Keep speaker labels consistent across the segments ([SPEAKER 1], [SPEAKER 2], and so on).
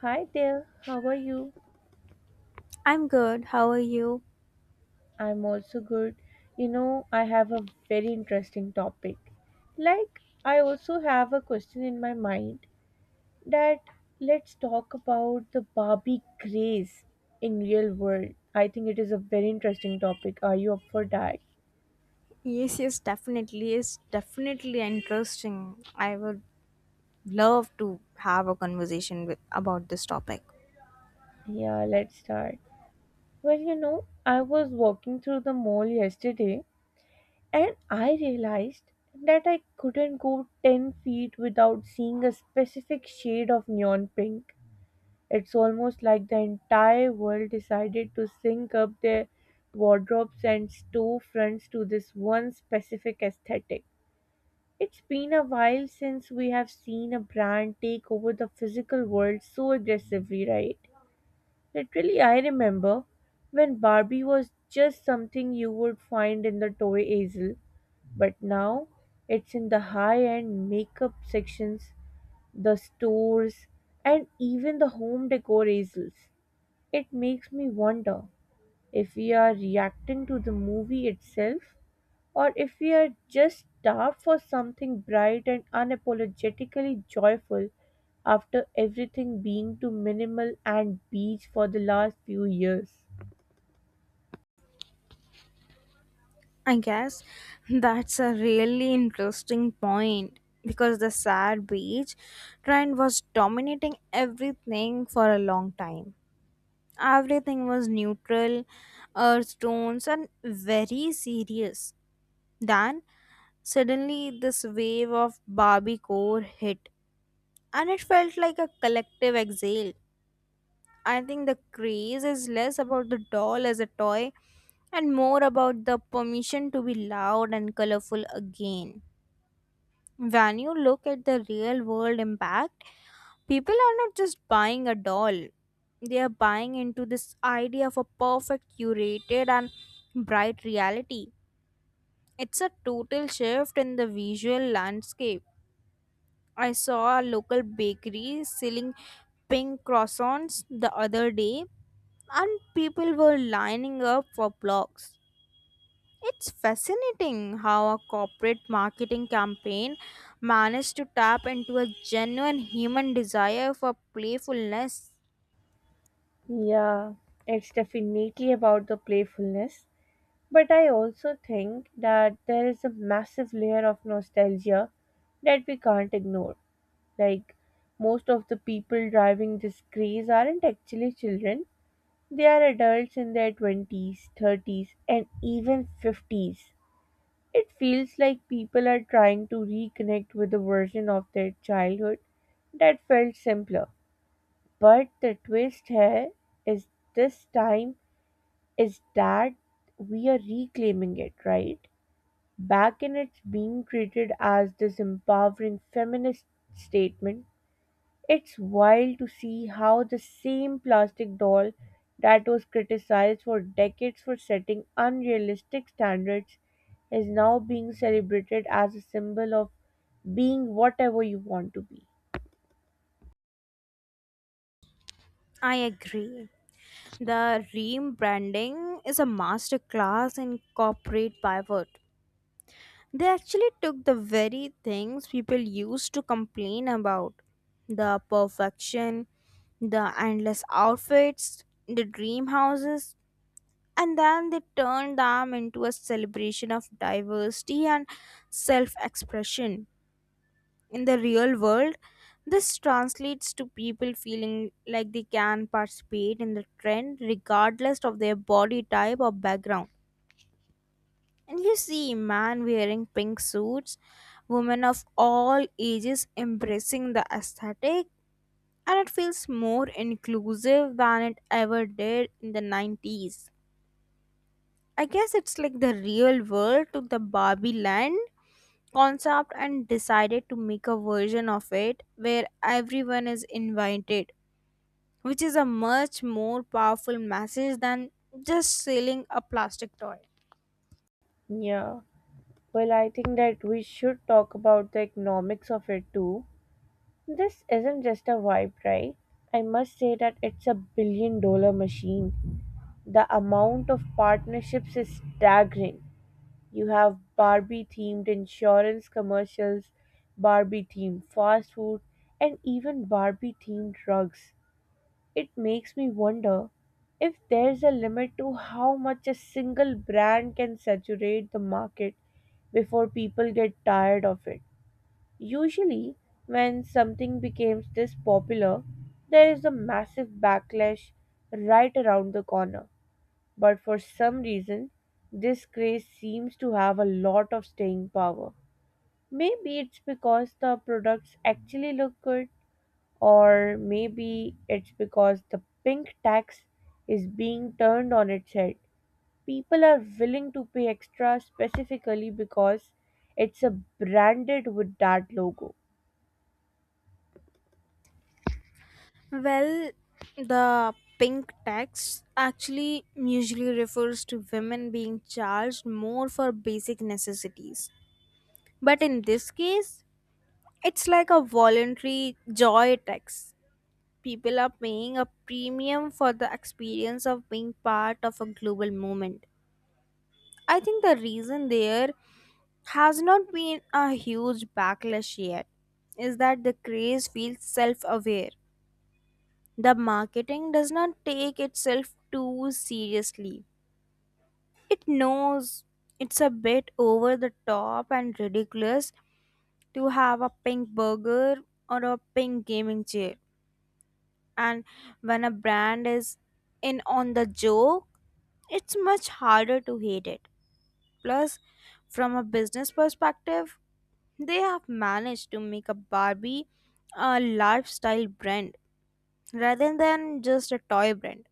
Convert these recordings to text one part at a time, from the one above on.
[SPEAKER 1] Hi there, how are you?
[SPEAKER 2] I'm good. How are you?
[SPEAKER 1] I'm also good. You know, I have a very interesting topic. Like, I also have a question in my mind that let's talk about the Barbie craze in real world. I think it is a very interesting topic. Are you up for that?
[SPEAKER 2] Yes, yes, definitely. It's definitely interesting. I would love to have a conversation with about this topic.
[SPEAKER 1] Yeah, let's start. Well, you know, I was walking through the mall yesterday, and I realized that I couldn't go 10 feet without seeing a specific shade of neon pink. It's almost like the entire world decided to sync up their wardrobes and storefronts to this one specific aesthetic. It's been a while since we have seen a brand take over the physical world so aggressively, right? Literally, I remember when Barbie was just something you would find in the toy aisle, but now it's in the high end makeup sections, the stores, and even the home decor aisles. It makes me wonder if we are reacting to the movie itself, or if we are just starved for something bright and unapologetically joyful after everything being too minimal and beige for the last few years.
[SPEAKER 2] I guess that's a really interesting point because the sad beach trend was dominating everything for a long time. Everything was neutral, earth tones, and very serious. Then suddenly this wave of Barbie core hit and it felt like a collective exhale. I think the craze is less about the doll as a toy and more about the permission to be loud and colorful again. When you look at the real world impact, people are not just buying a doll, they are buying into this idea of a perfect, curated, and bright reality. It's a total shift in the visual landscape. I saw a local bakery selling pink croissants the other day, and people were lining up for blocks. It's fascinating how a corporate marketing campaign managed to tap into a genuine human desire for playfulness.
[SPEAKER 1] Yeah, it's definitely about the playfulness. But I also think that there is a massive layer of nostalgia that we can't ignore. Like, most of the people driving this craze aren't actually children, they are adults in their 20s, 30s, and even 50s. It feels like people are trying to reconnect with a version of their childhood that felt simpler. But the twist here is this time is that we are reclaiming it, right? Back in it's being treated as this empowering feminist statement, it's wild to see how the same plastic doll that was criticized for decades for setting unrealistic standards is now being celebrated as a symbol of being whatever you want to be.
[SPEAKER 2] I agree. The rebranding is a masterclass in corporate pivot. They actually took the very things people used to complain about the perfection, the endless outfits, the dream houses, and then they turned them into a celebration of diversity and self expression. In the real world, this translates to people feeling like they can participate in the trend regardless of their body type or background. And you see man wearing pink suits, women of all ages embracing the aesthetic, and it feels more inclusive than it ever did in the 90s. I guess it's like the real world took the Barbie land concept and decided to make a version of it where everyone is invited, which is a much more powerful message than just selling a plastic toy.
[SPEAKER 1] Yeah. Well, I think that we should talk about the economics of it too. This isn't just a vibe, right? I must say that it's a billion dollar machine. The amount of partnerships is staggering. You have Barbie themed insurance commercials, Barbie themed fast food, and even Barbie themed drugs. It makes me wonder if there's a limit to how much a single brand can saturate the market before people get tired of it. Usually, when something becomes this popular, there is a massive backlash right around the corner. But for some reason, this craze seems to have a lot of staying power. Maybe it's because the products actually look good, or maybe it's because the pink tax is being turned on its head. People are willing to pay extra specifically because it's a branded with that logo.
[SPEAKER 2] Well, the pink tax actually usually refers to women being charged more for basic necessities. But in this case, it's like a voluntary joy tax. People are paying a premium for the experience of being part of a global movement. I think the reason there has not been a huge backlash yet is that the craze feels self aware. The marketing does not take itself too seriously. It knows it's a bit over the top and ridiculous to have a pink burger or a pink gaming chair. And when a brand is in on the joke, it's much harder to hate it. Plus, from a business perspective, they have managed to make a Barbie a lifestyle brand rather than just a toy brand.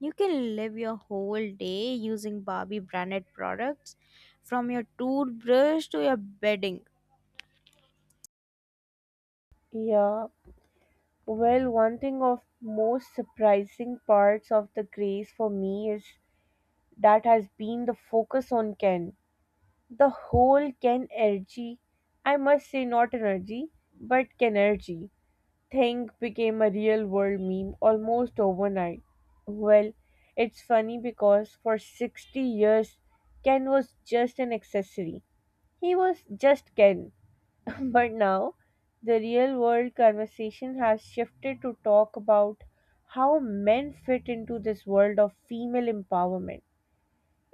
[SPEAKER 2] You can live your whole day using Barbie branded products from your toothbrush to your bedding.
[SPEAKER 1] Yeah. Well, one thing of most surprising parts of the craze for me is that has been the focus on Ken. The whole can energy, I must say not energy, but energy thing became a real world meme almost overnight. Well, it's funny because for 60 years, Ken was just an accessory. He was just Ken. But now, the real world conversation has shifted to talk about how men fit into this world of female empowerment.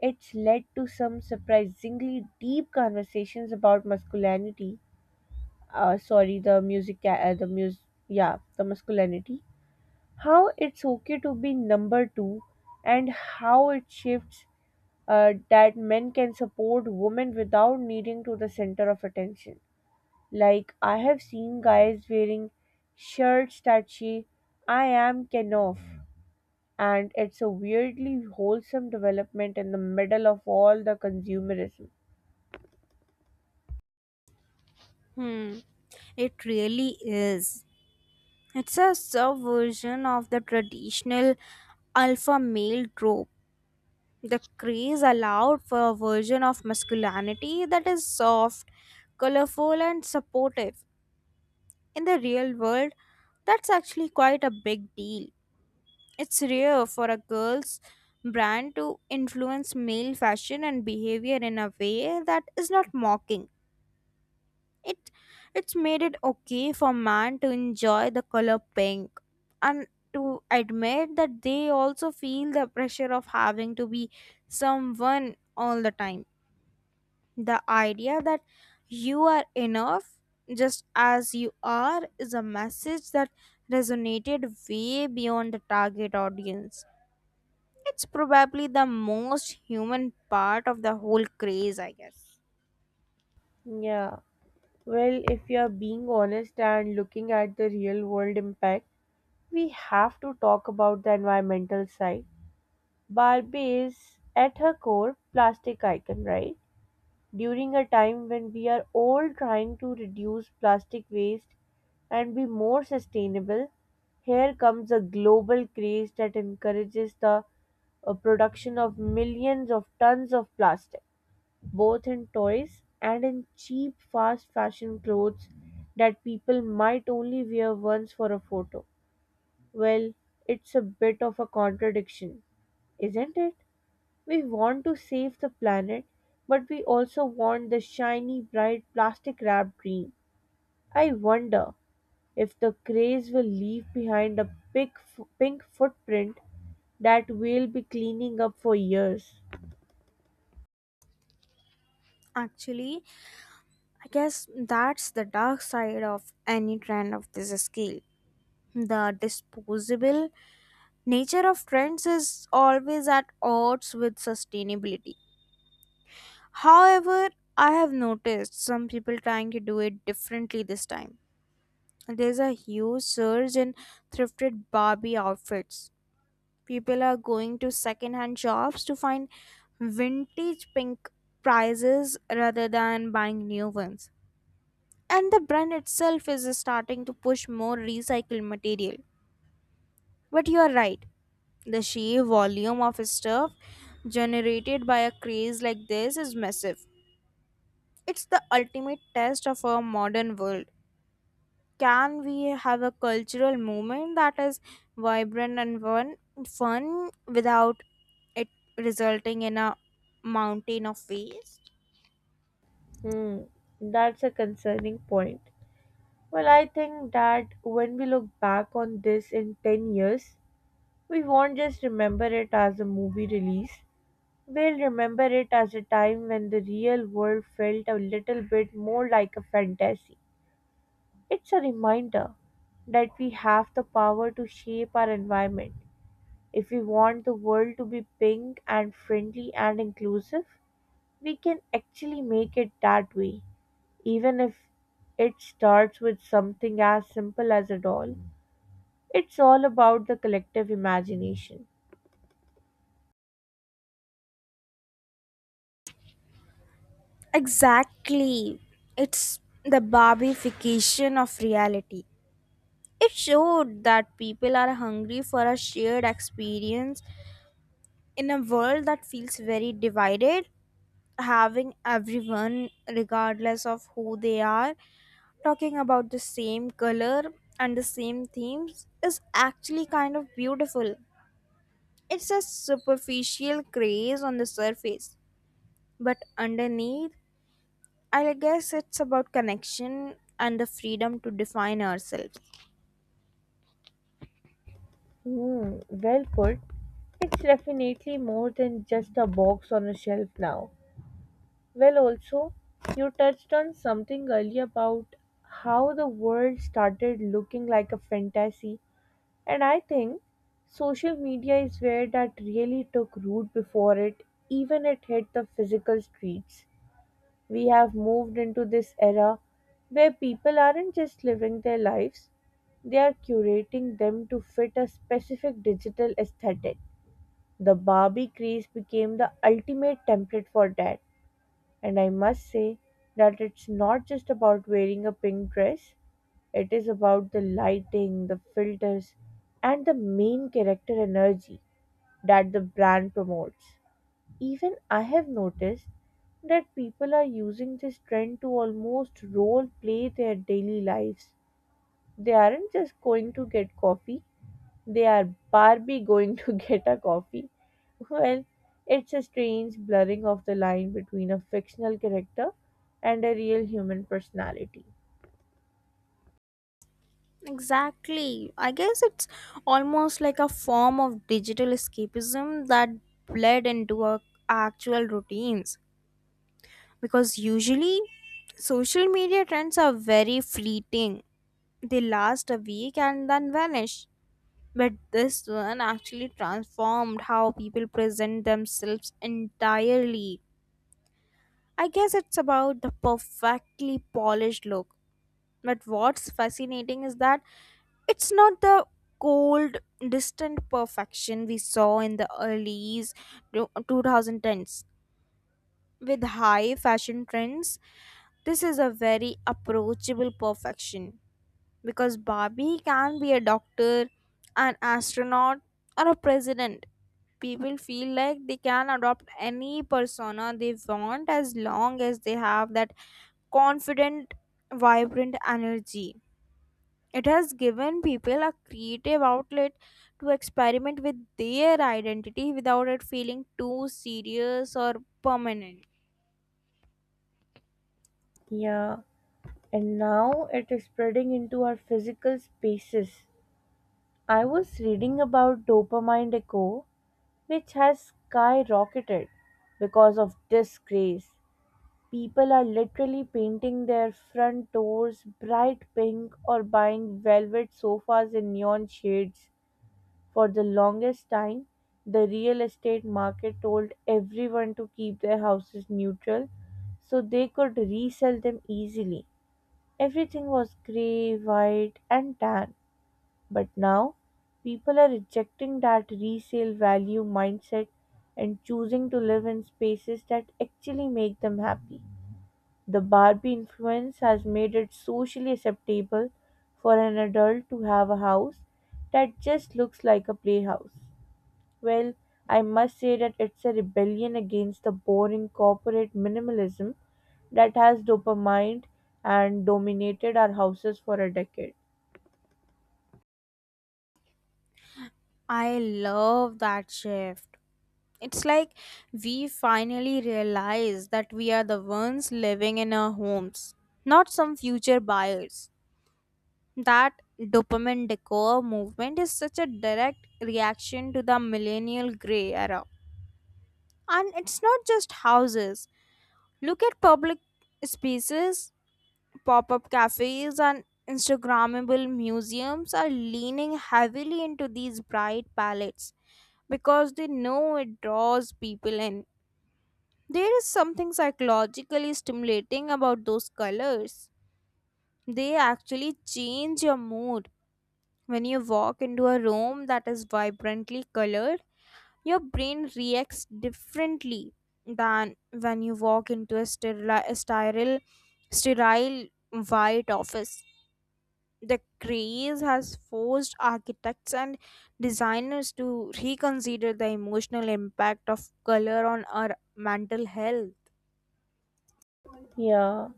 [SPEAKER 1] It's led to some surprisingly deep conversations about masculinity. Sorry, the the masculinity. How it's okay to be number two, and how it shifts that men can support women without needing to the center of attention. Like I have seen guys wearing shirts that say "I am Kenoff," and it's a weirdly wholesome development in the middle of all the consumerism.
[SPEAKER 2] Hmm, it really is. It's a subversion of the traditional alpha male trope. The craze allowed for a version of masculinity that is soft, colorful, and supportive. In the real world, that's actually quite a big deal. It's rare for a girl's brand to influence male fashion and behavior in a way that is not mocking. It it's made it okay for man to enjoy the color pink and to admit that they also feel the pressure of having to be someone all the time. The idea that you are enough just as you are is a message that resonated way beyond the target audience. It's probably the most human part of the whole craze, I guess.
[SPEAKER 1] Yeah. Well, if you're being honest and looking at the real world impact, we have to talk about the environmental side. Barbie is, at her core, plastic icon, right? During a time when we are all trying to reduce plastic waste and be more sustainable, here comes a global craze that encourages the production of millions of tons of plastic, both in toys and in cheap, fast fashion clothes that people might only wear once for a photo. Well, it's a bit of a contradiction, isn't it? We want to save the planet, but we also want the shiny, bright, plastic wrapped dream. I wonder if the craze will leave behind a pink footprint that we'll be cleaning up for years.
[SPEAKER 2] Actually, I guess that's the dark side of any trend of this scale. The disposable nature of trends is always at odds with sustainability. However, I have noticed some people trying to do it differently this time. There's a huge surge in thrifted Barbie outfits. People are going to second-hand shops to find vintage pink prizes rather than buying new ones. And the brand itself is starting to push more recycled material. But you are right, the sheer volume of stuff generated by a craze like this is massive. It's the ultimate test of our modern world. Can we have a cultural movement that is vibrant and fun without it resulting in a mountain of waste?
[SPEAKER 1] Hmm, that's a concerning point. Well, I think that when we look back on this in 10 years, we won't just remember it as a movie release. We'll remember it as a time when the real world felt a little bit more like a fantasy. It's a reminder that we have the power to shape our environment. If we want the world to be pink and friendly and inclusive, we can actually make it that way, even if it starts with something as simple as a doll. It's all about the collective imagination.
[SPEAKER 2] Exactly. It's the Barbification of reality. It showed that people are hungry for a shared experience in a world that feels very divided. Having everyone, regardless of who they are, talking about the same color and the same themes is actually kind of beautiful. It's a superficial craze on the surface. But underneath, I guess it's about connection and the freedom to define ourselves.
[SPEAKER 1] Hmm, well put. It's definitely more than just a box on a shelf now. Well, also, you touched on something earlier about how the world started looking like a fantasy, and I think social media is where that really took root before it even it hit the physical streets. We have moved into this era where people aren't just living their lives, they are curating them to fit a specific digital aesthetic. The Barbie craze became the ultimate template for that, and I must say that it's not just about wearing a pink dress, it is about the lighting, the filters, and the main character energy that the brand promotes. Even I have noticed that people are using this trend to almost role play their daily lives. They aren't just going to get coffee, they are Barbie going to get a coffee. Well, it's a strange blurring of the line between a fictional character and a real human personality.
[SPEAKER 2] Exactly. I guess it's almost like a form of digital escapism that bled into our actual routines. Because usually, social media trends are very fleeting, they last a week and then vanish. But this one actually transformed how people present themselves entirely. I guess it's about the perfectly polished look. But what's fascinating is that it's not the cold, distant perfection we saw in the early 2010s. With high fashion trends, this is a very approachable perfection because Barbie can be a doctor, an astronaut, or a president. People feel like they can adopt any persona they want as long as they have that confident, vibrant energy. It has given people a creative outlet to experiment with their identity without it feeling too serious or permanent.
[SPEAKER 1] Yeah, and now it is spreading into our physical spaces. I was reading about dopamine echo which has skyrocketed because of this craze. People are literally painting their front doors bright pink or buying velvet sofas in neon shades. For the longest time, the real estate market told everyone to keep their houses neutral so they could resell them easily. Everything was grey, white, and tan. But now, people are rejecting that resale value mindset and choosing to live in spaces that actually make them happy. The Barbie influence has made it socially acceptable for an adult to have a house that just looks like a playhouse. Well, I must say that it's a rebellion against the boring corporate minimalism that has dopamine and dominated our houses for a decade.
[SPEAKER 2] I love that shift. It's like we finally realize that we are the ones living in our homes, not some future buyers. That dopamine decor movement is such a direct reaction to the millennial gray era. And it's not just houses. Look at public spaces, pop up cafes, and Instagrammable museums are leaning heavily into these bright palettes because they know it draws people in. There is something psychologically stimulating about those colors. They actually change your mood. When you walk into a room that is vibrantly colored, your brain reacts differently than when you walk into a sterile white office. The craze has forced architects and designers to reconsider the emotional impact of color on our mental health.
[SPEAKER 1] Yeah.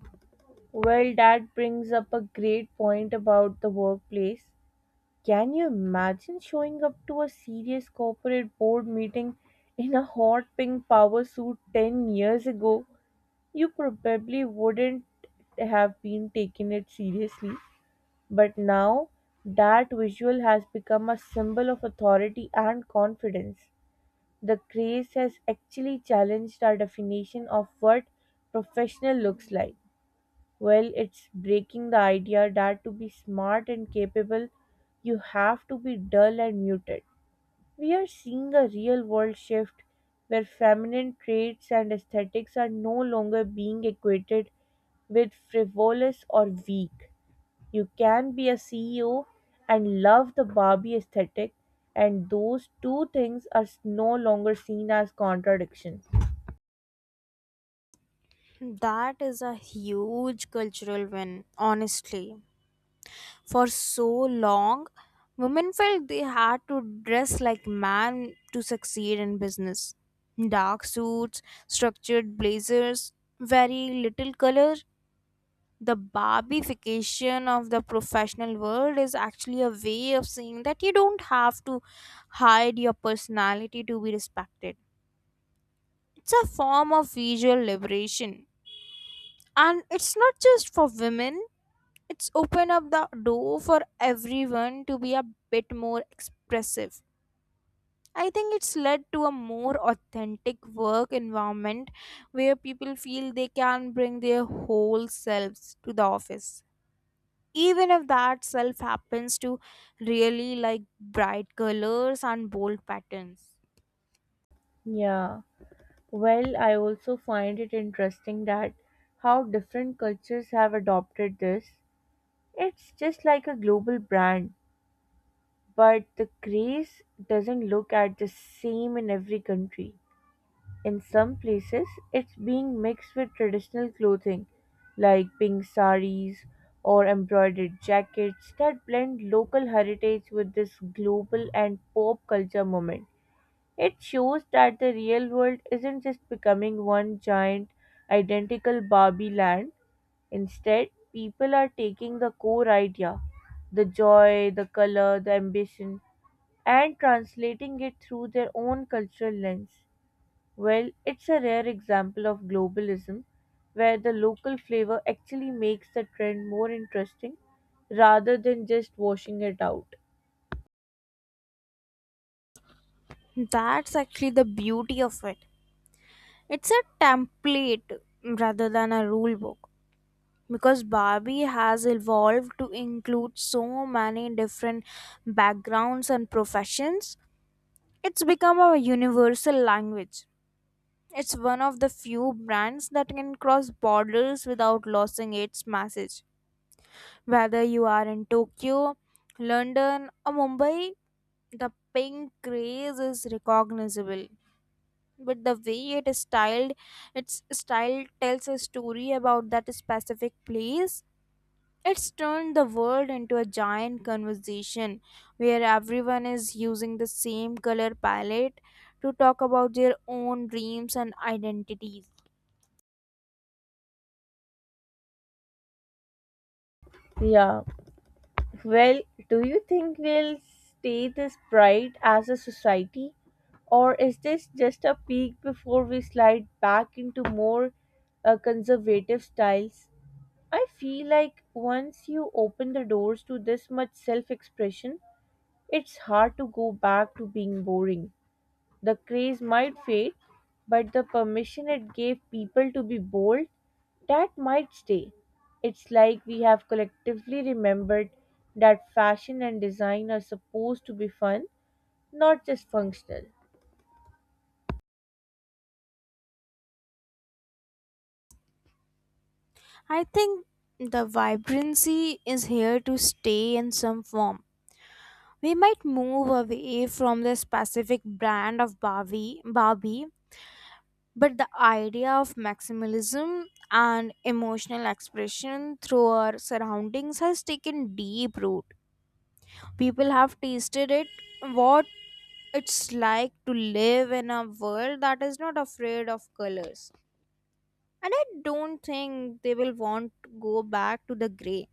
[SPEAKER 1] Well, that brings up a great point about the workplace. Can you imagine showing up to a serious corporate board meeting in a hot pink power suit 10 years ago? You probably wouldn't have been taking it seriously. But now, that visual has become a symbol of authority and confidence. The craze has actually challenged our definition of what professional looks like. Well, it's breaking the idea that to be smart and capable, you have to be dull and muted. We are seeing a real world shift where feminine traits and aesthetics are no longer being equated with frivolous or weak. You can be a CEO and love the Barbie aesthetic, and those two things are no longer seen as contradictions.
[SPEAKER 2] That is a huge cultural win, honestly. For so long, women felt they had to dress like men to succeed in business. Dark suits, structured blazers, very little color. The barbification of the professional world is actually a way of saying that you don't have to hide your personality to be respected. It's a form of visual liberation, and it's not just for women. It's open up the door for everyone to be a bit more expressive. I think it's led to a more authentic work environment where people feel they can bring their whole selves to the office, even if that self happens to really like bright colors and bold patterns.
[SPEAKER 1] Yeah. Well, I also find it interesting that how different cultures have adopted this. It's just like a global brand, but the craze doesn't look at the same in every country. In some places, it's being mixed with traditional clothing like pink saris or embroidered jackets that blend local heritage with this global and pop culture moment. It shows that the real world isn't just becoming one giant, identical Barbie land. Instead, people are taking the core idea, the joy, the color, the ambition, and translating it through their own cultural lens. Well, it's a rare example of globalism where the local flavor actually makes the trend more interesting rather than just washing it out.
[SPEAKER 2] That's actually the beauty of it. It's a template rather than a rule book because Barbie has evolved to include so many different backgrounds and professions, it's become a universal language. It's one of the few brands that can cross borders without losing its message. Whether you are in Tokyo, London, or Mumbai, the pink craze is recognizable. But the way it is styled, its style tells a story about that specific place. It's turned the world into a giant conversation where everyone is using the same color palette to talk about their own dreams and identities.
[SPEAKER 1] Yeah. Well, do you think we'll stay this bright as a society? Or is this just a peak before we slide back into more conservative styles? I feel like once you open the doors to this much self expression, it's hard to go back to being boring. The craze might fade, but the permission it gave people to be bold, that might stay. It's like we have collectively remembered that fashion and design are supposed to be fun, not just functional.
[SPEAKER 2] I think the vibrancy is here to stay in some form. We might move away from the specific brand of Barbie, but the idea of maximalism and emotional expression through our surroundings has taken deep root. People have tasted it, what it's like to live in a world that is not afraid of colors, and I don't think they will want to go back to the gray.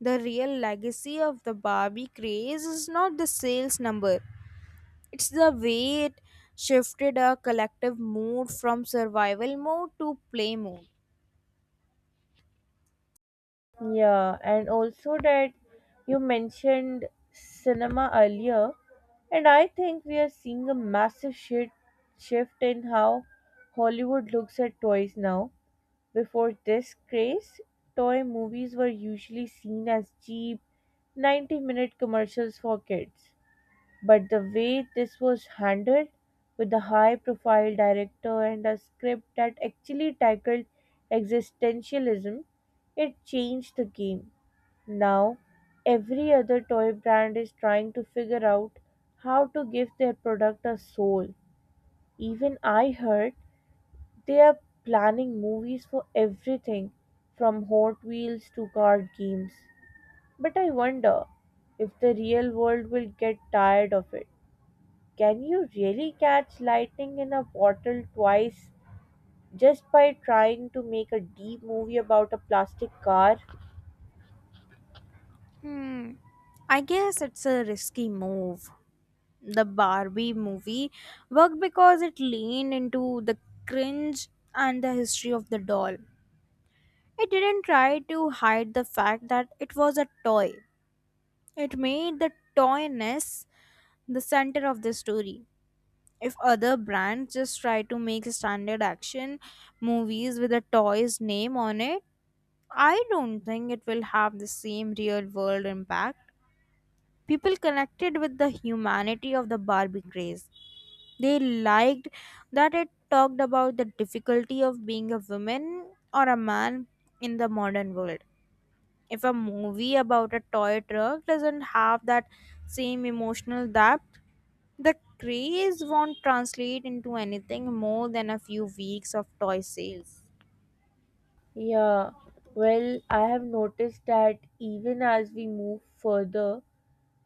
[SPEAKER 2] The real legacy of the barbie craze is not the sales number. It's the way it shifted a collective mood from survival mode to play mode.
[SPEAKER 1] Yeah, and also that you mentioned cinema earlier, and I think we are seeing a massive shift in how Hollywood looks at toys now. Before this craze, toy movies were usually seen as cheap 90-minute commercials for kids. But the way this was handled, with a high profile director and a script that actually tackled existentialism, it changed the game. Now, every other toy brand is trying to figure out how to give their product a soul. Even I heard they are planning movies for everything from Hot Wheels to card games. But I wonder if the real world will get tired of it. Can you really catch lightning in a bottle twice just by trying to make a deep movie about a plastic car?
[SPEAKER 2] Hmm, I guess it's a risky move. The Barbie movie worked because it leaned into the cringe and the history of the doll. It didn't try to hide the fact that it was a toy. It made the toyness the center of the story. If other brands just try to make standard action movies with a toy's name on it, I don't think it will have the same real world impact. People connected with the humanity of the Barbie craze. They liked that it talked about the difficulty of being a woman or a man in the modern world. If a movie about a toy truck doesn't have that same emotional depth, the craze won't translate into anything more than a few weeks of toy sales.
[SPEAKER 1] Yeah, well, I have noticed that even as we move further,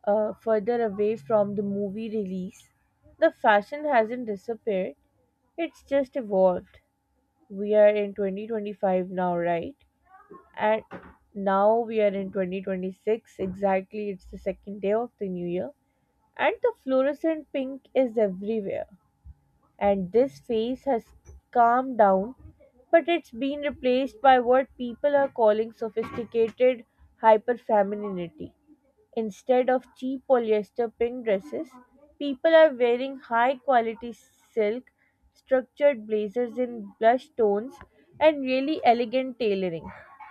[SPEAKER 1] further away from the movie release, the fashion hasn't disappeared. It's just evolved. We are in 2025 now, right? And now we are in 2026. Exactly, it's the second day of the new year. And the fluorescent pink is everywhere. And this phase has calmed down, but it's been replaced by what people are calling sophisticated hyperfemininity. Instead of cheap polyester pink dresses, people are wearing high quality silk structured blazers in blush tones, and really elegant tailoring.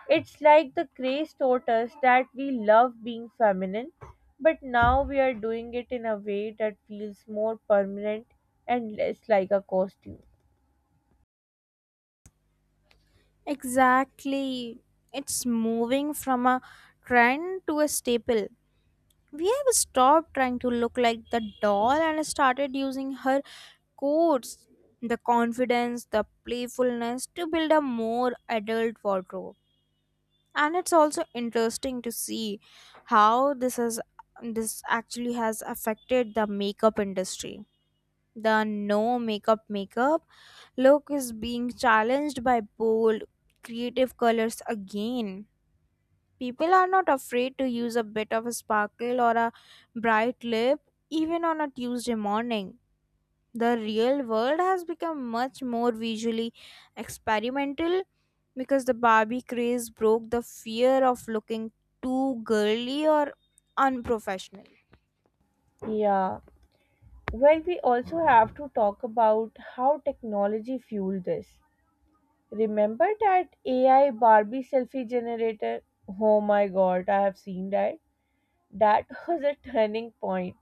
[SPEAKER 1] It's like the craze taught us that we love being feminine, but now we are doing it in a way that feels more permanent and less like a costume.
[SPEAKER 2] Exactly. It's moving from a trend to a staple. We have stopped trying to look like the doll and started using her coats, the confidence, the playfulness to build a more adult wardrobe. And it's also interesting to see how this has this actually has affected the makeup industry. The no makeup makeup look is being challenged by bold creative colors again. People are not afraid to use a bit of a sparkle or a bright lip even on a Tuesday morning. The real world has become much more visually experimental because the Barbie craze broke the fear of looking too girly or unprofessional.
[SPEAKER 1] Yeah. Well, we also have to talk about how technology fueled this. Remember that AI Barbie selfie generator? Oh my god, I have seen that. That was a turning point.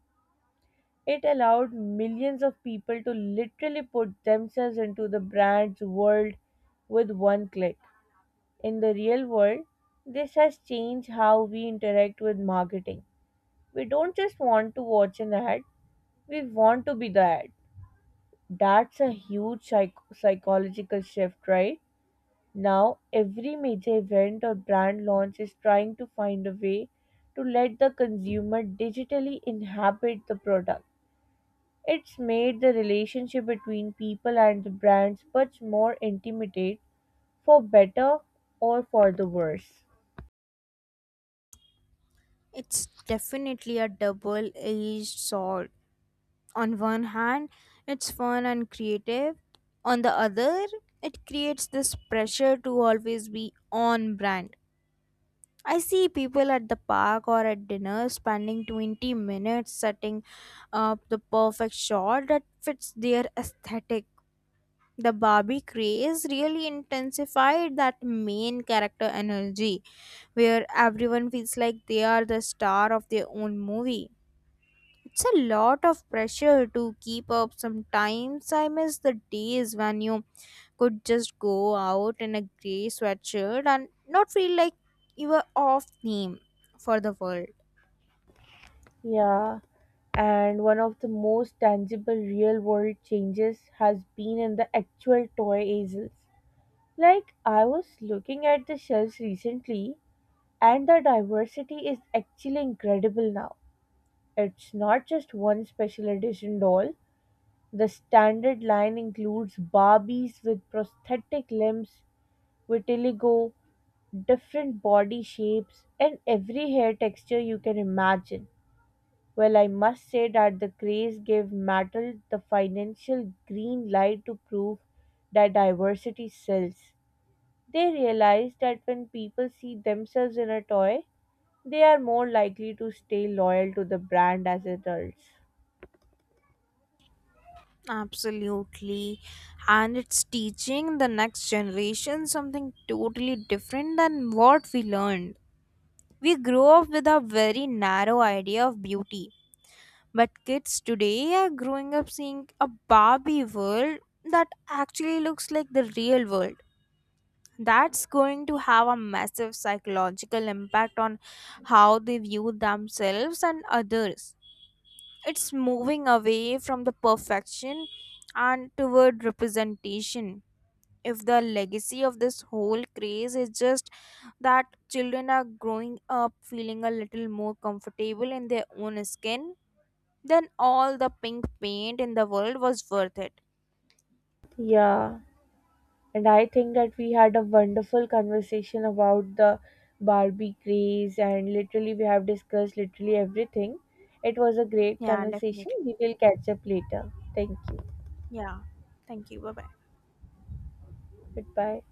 [SPEAKER 1] It allowed millions of people to literally put themselves into the brand's world with one click. In the real world, this has changed how we interact with marketing. We don't just want to watch an ad, we want to be the ad. That's a huge psychological shift, right? Now, every major event or brand launch is trying to find a way to let the consumer digitally inhabit the product. It's made the relationship between people and the brands much more intimate, for better or for the worse.
[SPEAKER 2] It's definitely a double edged sword. On one hand, it's fun and creative, on the other, it creates this pressure to always be on brand. I see people at the park or at dinner spending 20 minutes setting up the perfect shot that fits their aesthetic. The Barbie craze really intensified that main character energy, where everyone feels like they are the star of their own movie. It's a lot of pressure to keep up. Sometimes I miss the days when you could just go out in a grey sweatshirt and not feel like you were off theme for the world.
[SPEAKER 1] Yeah, and one of the most tangible real world changes has been in the actual toy aisles. Like, I was looking at the shelves recently, and the diversity is actually incredible now. It's not just one special edition doll, the standard line includes Barbies with prosthetic limbs, vitiligo, different body shapes, and every hair texture you can imagine. Well, I must say that the craze gave metal the financial green light to prove that diversity sells. They realized that when people see themselves in a toy, they are more likely to stay loyal to the brand as adults.
[SPEAKER 2] Absolutely. And it's teaching the next generation something totally different than what we learned. We grow up with a very narrow idea of beauty. But kids today are growing up seeing a Barbie world that actually looks like the real world. That's going to have a massive psychological impact on how they view themselves and others. It's moving away from the perfection and toward representation. If the legacy of this whole craze is just that children are growing up feeling a little more comfortable in their own skin, then all the pink paint in the world was worth it.
[SPEAKER 1] Yeah. And I think that we had a wonderful conversation about the Barbie craze, and literally, we have discussed literally everything. It was a great
[SPEAKER 2] Yeah,
[SPEAKER 1] conversation.
[SPEAKER 2] definitely.
[SPEAKER 1] We will catch up later. Thank you.
[SPEAKER 2] Yeah. Thank you. Bye bye.
[SPEAKER 1] Goodbye.